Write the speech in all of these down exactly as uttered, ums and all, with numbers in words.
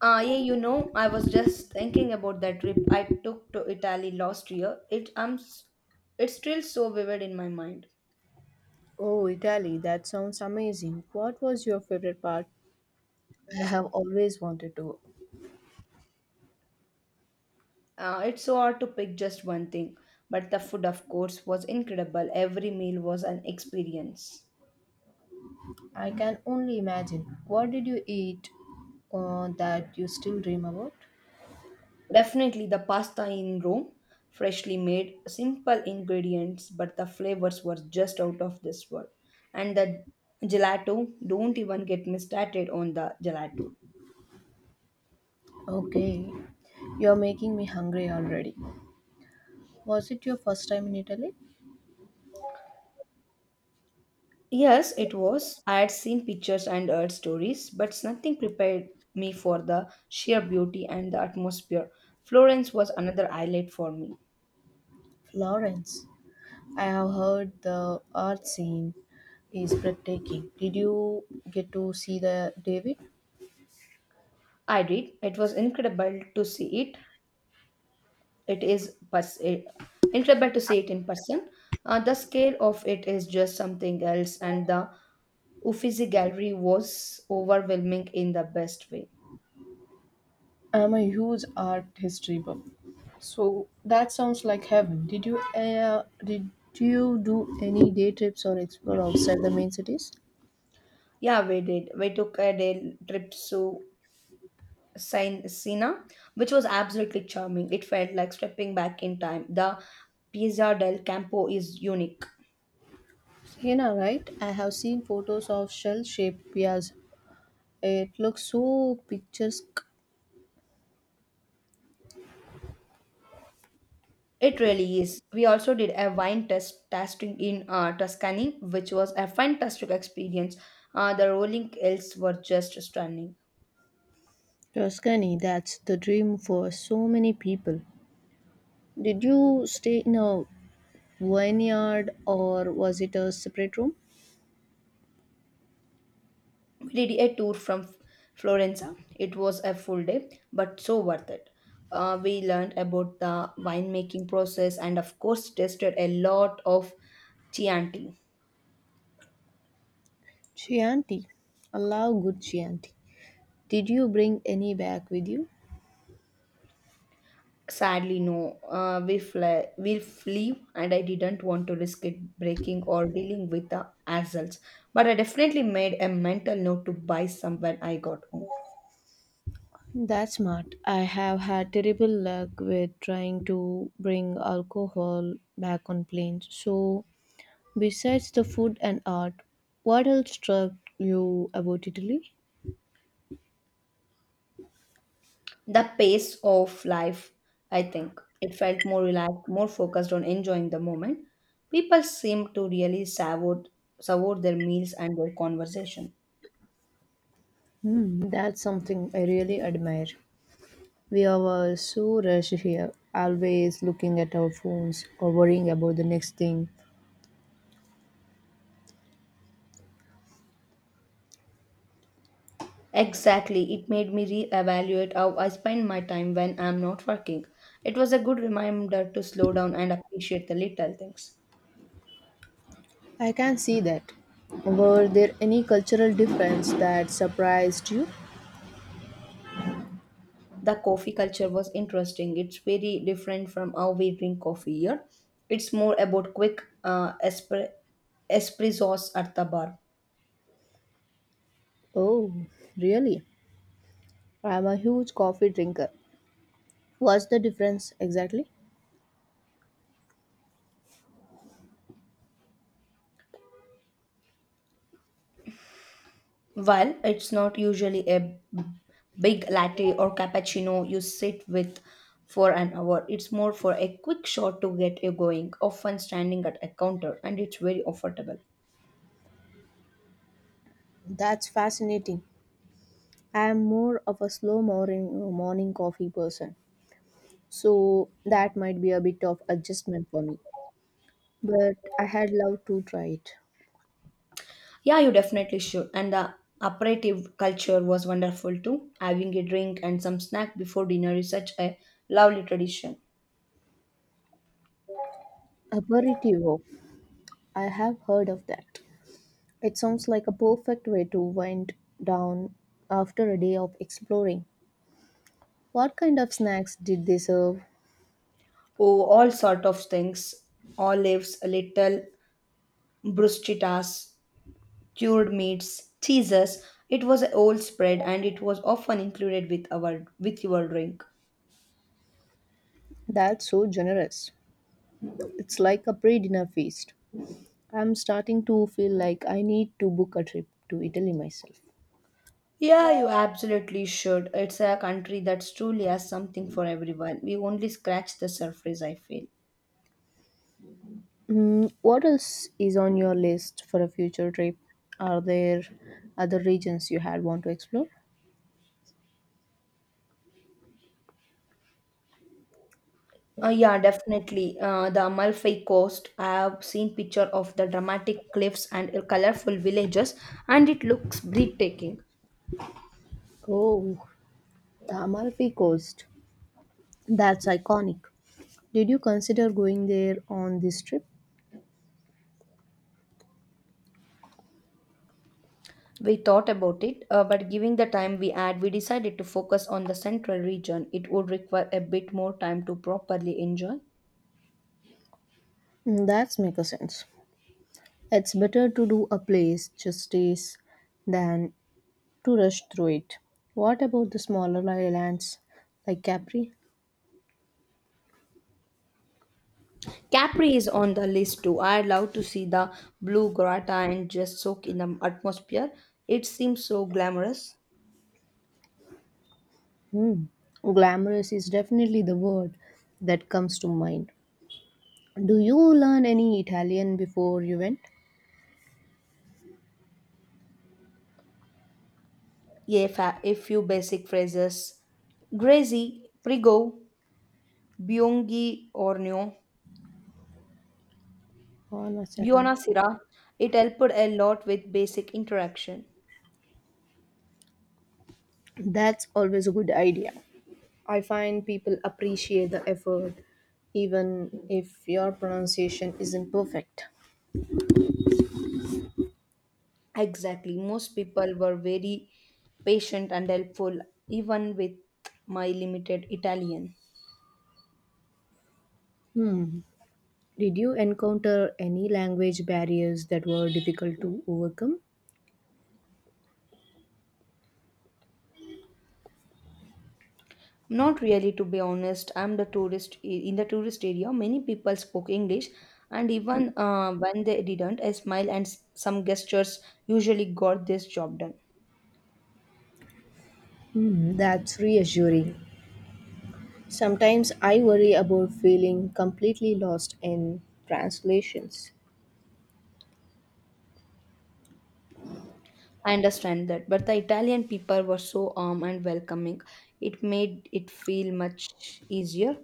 Ah, yeah, you know, I was just thinking about that trip I took to Italy last year. It um, s- it's still so vivid in my mind. Oh, Italy, that sounds amazing. What was your favorite part? I have always wanted to. Uh, it's so hard to pick just one thing, but the food, of course, was incredible. Every meal was an experience. I can only imagine. What did you eat uh, that you still dream about? Definitely the pasta in Rome, freshly made, simple ingredients, but the flavors were just out of this world. And the gelato, don't even get me started on the gelato. Okay, you're making me hungry already. Was it your first time in Italy? Yes, it was. I had seen pictures and heard stories, but nothing prepared me for the sheer beauty and the atmosphere. Florence was another highlight for me. Florence. I have heard the art scene is breathtaking. Did you get to see the David? I did. It was incredible to see it. It is pers- eh, Incredible to see it in person. Uh, the scale of it is just something else, and the Uffizi Gallery was overwhelming in the best way. I'm a huge art history buff, so that sounds like heaven. Did you uh, did you do any day trips or explore outside the main cities? Yeah, we did. We took a day trip to Sin- Sina, which was absolutely charming. It felt like stepping back in time. The Piazza del Campo is unique. Hena, right? I have seen photos of shell-shaped pias. It looks so picturesque. It really is. We also did a wine test tasting in uh, Tuscany, which was a fantastic experience. Uh, the rolling hills were just stunning. Tuscany, that's the dream for so many people. Did you stay in a vineyard or was it a separate room? We did a tour from F- Florenza. It was a full day, but so worth it. Uh, we learned about the winemaking process and, of course, tasted a lot of Chianti. Chianti. I love good Chianti. Did you bring any back with you? Sadly, no. Uh, we fly, we leave, and I didn't want to risk it breaking or dealing with the hassles. But I definitely made a mental note to buy some when I got home. That's smart. I have had terrible luck with trying to bring alcohol back on planes. So, besides the food and art, what else struck you about Italy? The pace of life, I think, it felt more relaxed, more focused on enjoying the moment. People seemed to really savour, savour their meals and their conversation. That's something I really admire. We are all so rushed here, always looking at our phones or worrying about the next thing. Exactly, it made me re-evaluate how I spend my time when I'm not working. It was a good reminder to slow down and appreciate the little things. I can see that. Were there any cultural difference that surprised you? The coffee culture was interesting. It's very different from how we drink coffee here. It's more about quick uh, espre- espressos at the bar. Oh, really? I'm a huge coffee drinker. What's the difference exactly? While it's not usually a big latte or cappuccino you sit with for an hour, it's more for a quick shot to get you going, often standing at a counter, and it's very affordable. That's fascinating. I am more of a slow morning morning coffee person, so that might be a bit of adjustment for me. But I had loved to try it. Yeah, you definitely should. And the aperitif culture was wonderful too. Having a drink and some snack before dinner is such a lovely tradition. Aperitivo. I have heard of that. It sounds like a perfect way to wind down after a day of exploring. What kind of snacks did they serve? Oh, all sort of things, olives, little bruschettas, cured meats, cheeses. It was an old spread and it was often included with our with your drink. That's so generous. It's like a pre-dinner feast. I'm starting to feel like I need to book a trip to Italy myself. Yeah, you absolutely should. It's a country that truly has something for everyone. We only scratch the surface, I feel. Mm, what else is on your list for a future trip? Are there other regions you had want to explore? Uh, yeah, definitely. Uh, the Amalfi Coast. I have seen picture of the dramatic cliffs and colorful villages, and it looks breathtaking. Oh, the Amalfi Coast. That's iconic. Did you consider going there on this trip? We thought about it, uh, but given the time we had, we decided to focus on the central region. It would require a bit more time to properly enjoy. Mm, that's make a sense. It's better to do a place justice than to rush through it. What about the smaller islands like Capri? Capri is on the list too. I'd love to see the Blue Grotto and just soak in the atmosphere. It seems so glamorous. Hmm. Glamorous is definitely the word that comes to mind. Do you learn any Italian before you went? Yeah, fa- a few basic phrases. Grazy, Prigo, Byungi Ornio, Oh, no, Sarah. Biona Sira. It helped a lot with basic interaction. That's always a good idea. I find people appreciate the effort even if your pronunciation isn't perfect. Exactly. Most people were very patient and helpful, even with my limited Italian. Did you encounter any language barriers that were difficult to overcome? Not really, to be honest. I'm the tourist in the tourist area. Many people spoke English, and even uh, when they didn't, a smile and s- some gestures usually got this job done. Hmm, that's reassuring. Sometimes I worry about feeling completely lost in translations. I understand that, but the Italian people were so warm and welcoming. It made it feel much easier.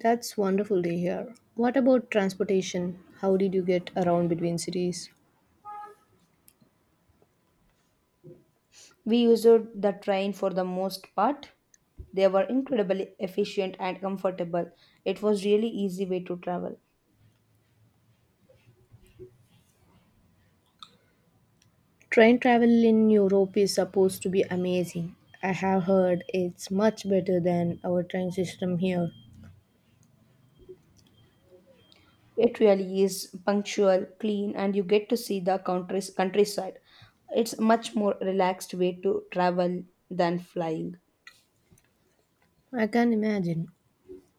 That's wonderful to hear. What about transportation? How did you get around between cities? We used the train for the most part. They were incredibly efficient and comfortable. It was really easy way to travel. Train travel in Europe is supposed to be amazing. I have heard it's much better than our train system here. It really is punctual, clean, and you get to see the countries, countryside. It's a much more relaxed way to travel than flying. I can imagine.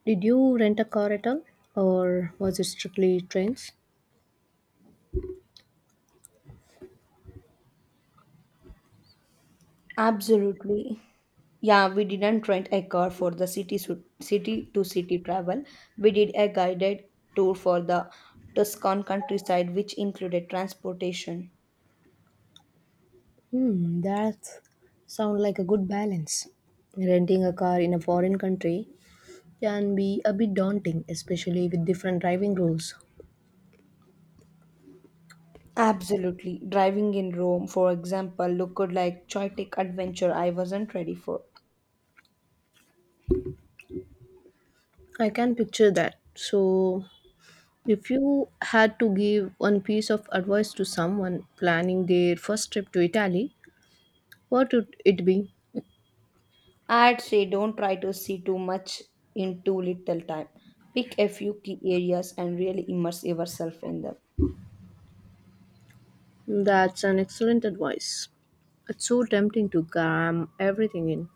Did you rent a car at all? Or was it strictly trains? Absolutely. Yeah, we didn't rent a car for the city su- city to city travel. We did a guided tour for the Tuscan countryside, which included transportation. Hmm, that sounds like a good balance. Renting a car in a foreign country can be a bit daunting, especially with different driving rules. Absolutely. Driving in Rome, for example, looked like chaotic adventure I wasn't ready for. I can picture that. So, if you had to give one piece of advice to someone planning their first trip to Italy, what would it be? I'd say don't try to see too much in too little time. Pick a few key areas and really immerse yourself in them. That's an excellent advice. It's so tempting to cram everything in.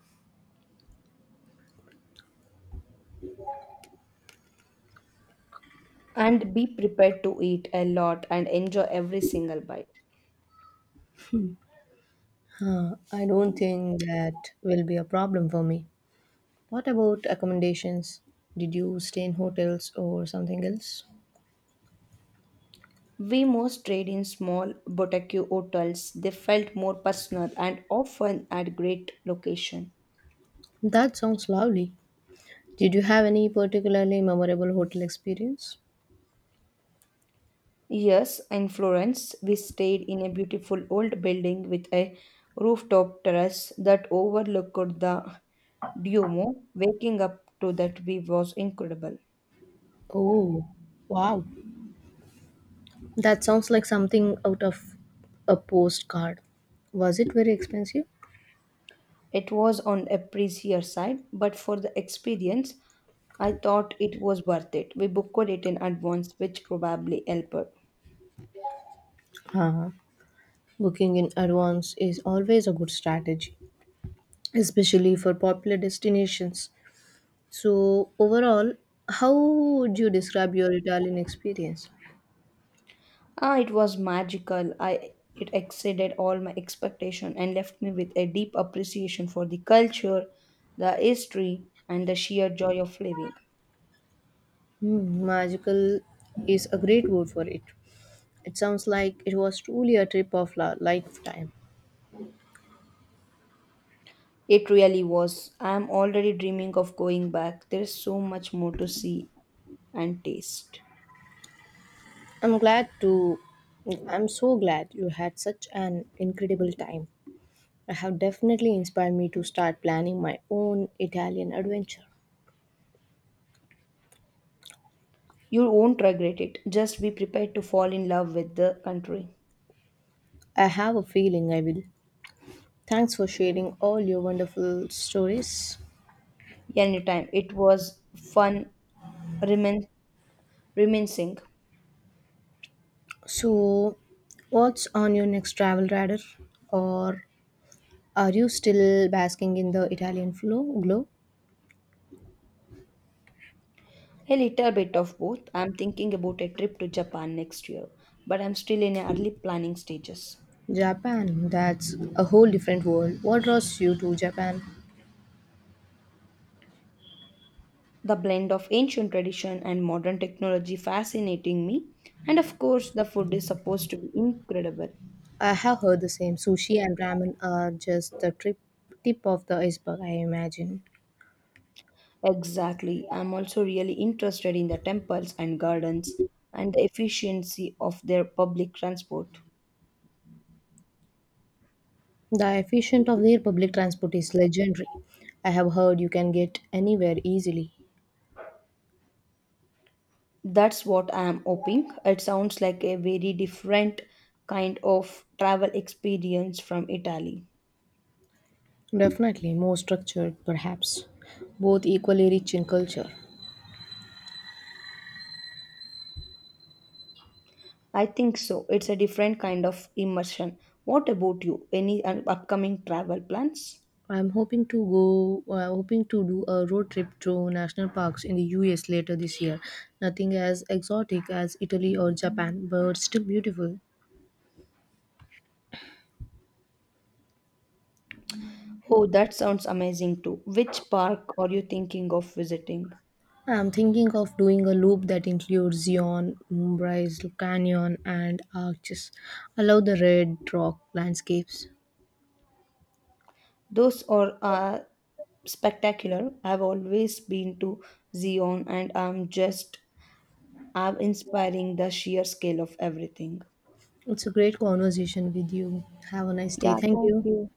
And be prepared to eat a lot and enjoy every single bite. Huh, I don't think that will be a problem for me. What about accommodations? Did you stay in hotels or something else? We most stayed in small boutique hotels. They felt more personal and often at great location. That sounds lovely. Did you have any particularly memorable hotel experience? Yes, in Florence, we stayed in a beautiful old building with a rooftop terrace that overlooked the Duomo. Waking up to that view was incredible. Oh, wow. That sounds like something out of a postcard. Was it very expensive? It was on a pricier side, but for the experience, I thought it was worth it. We booked it in advance, which probably helped. Uh, Booking in advance is always a good strategy, especially for popular destinations. So, overall, how would you describe your Italian experience? Ah, it was magical. I it exceeded all my expectation and left me with a deep appreciation for the culture, the history, and the sheer joy of living. Hmm, magical is a great word for it. It sounds like it was truly a trip of a lifetime. It really was. I am already dreaming of going back. There is so much more to see and taste. I'm glad to. I'm so glad you had such an incredible time. I have definitely inspired me to start planning my own Italian adventure. You won't regret it. Just be prepared to fall in love with the country. I have a feeling I will. Thanks for sharing all your wonderful stories. Anytime. It was fun remin- reminiscing. So, what's on your next travel radar? Or are you still basking in the Italian flow, glow? A little bit of both. I'm thinking about a trip to Japan next year, but I'm still in early planning stages. Japan, that's a whole different world. What draws you to Japan? The blend of ancient tradition and modern technology fascinating me, and of course, the food is supposed to be incredible. I have heard the same. Sushi and ramen are just the trip, tip of the iceberg, I imagine. Exactly. I'm also really interested in the temples and gardens and the efficiency of their public transport. The efficient of their public transport is legendary. I have heard you can get anywhere easily. That's what I am hoping. It sounds like a very different kind of travel experience from Italy. Definitely more structured, perhaps. Both equally rich in culture. I think so. It's a different kind of immersion. What about you? Any uh, upcoming travel plans? I'm hoping to go. Uh, hoping to do a road trip through national parks in the U S later this year. Nothing as exotic as Italy or Japan, but still beautiful. Oh, that sounds amazing too. Which park are you thinking of visiting? I'm thinking of doing a loop that includes Zion, Mumbai's Canyon, and Arches. I love the red rock landscapes. Those are uh, spectacular. I've always been to Zion and I'm just I'm inspiring the sheer scale of everything. It's a great conversation with you. Have a nice day. Yeah, Thank thank you. you.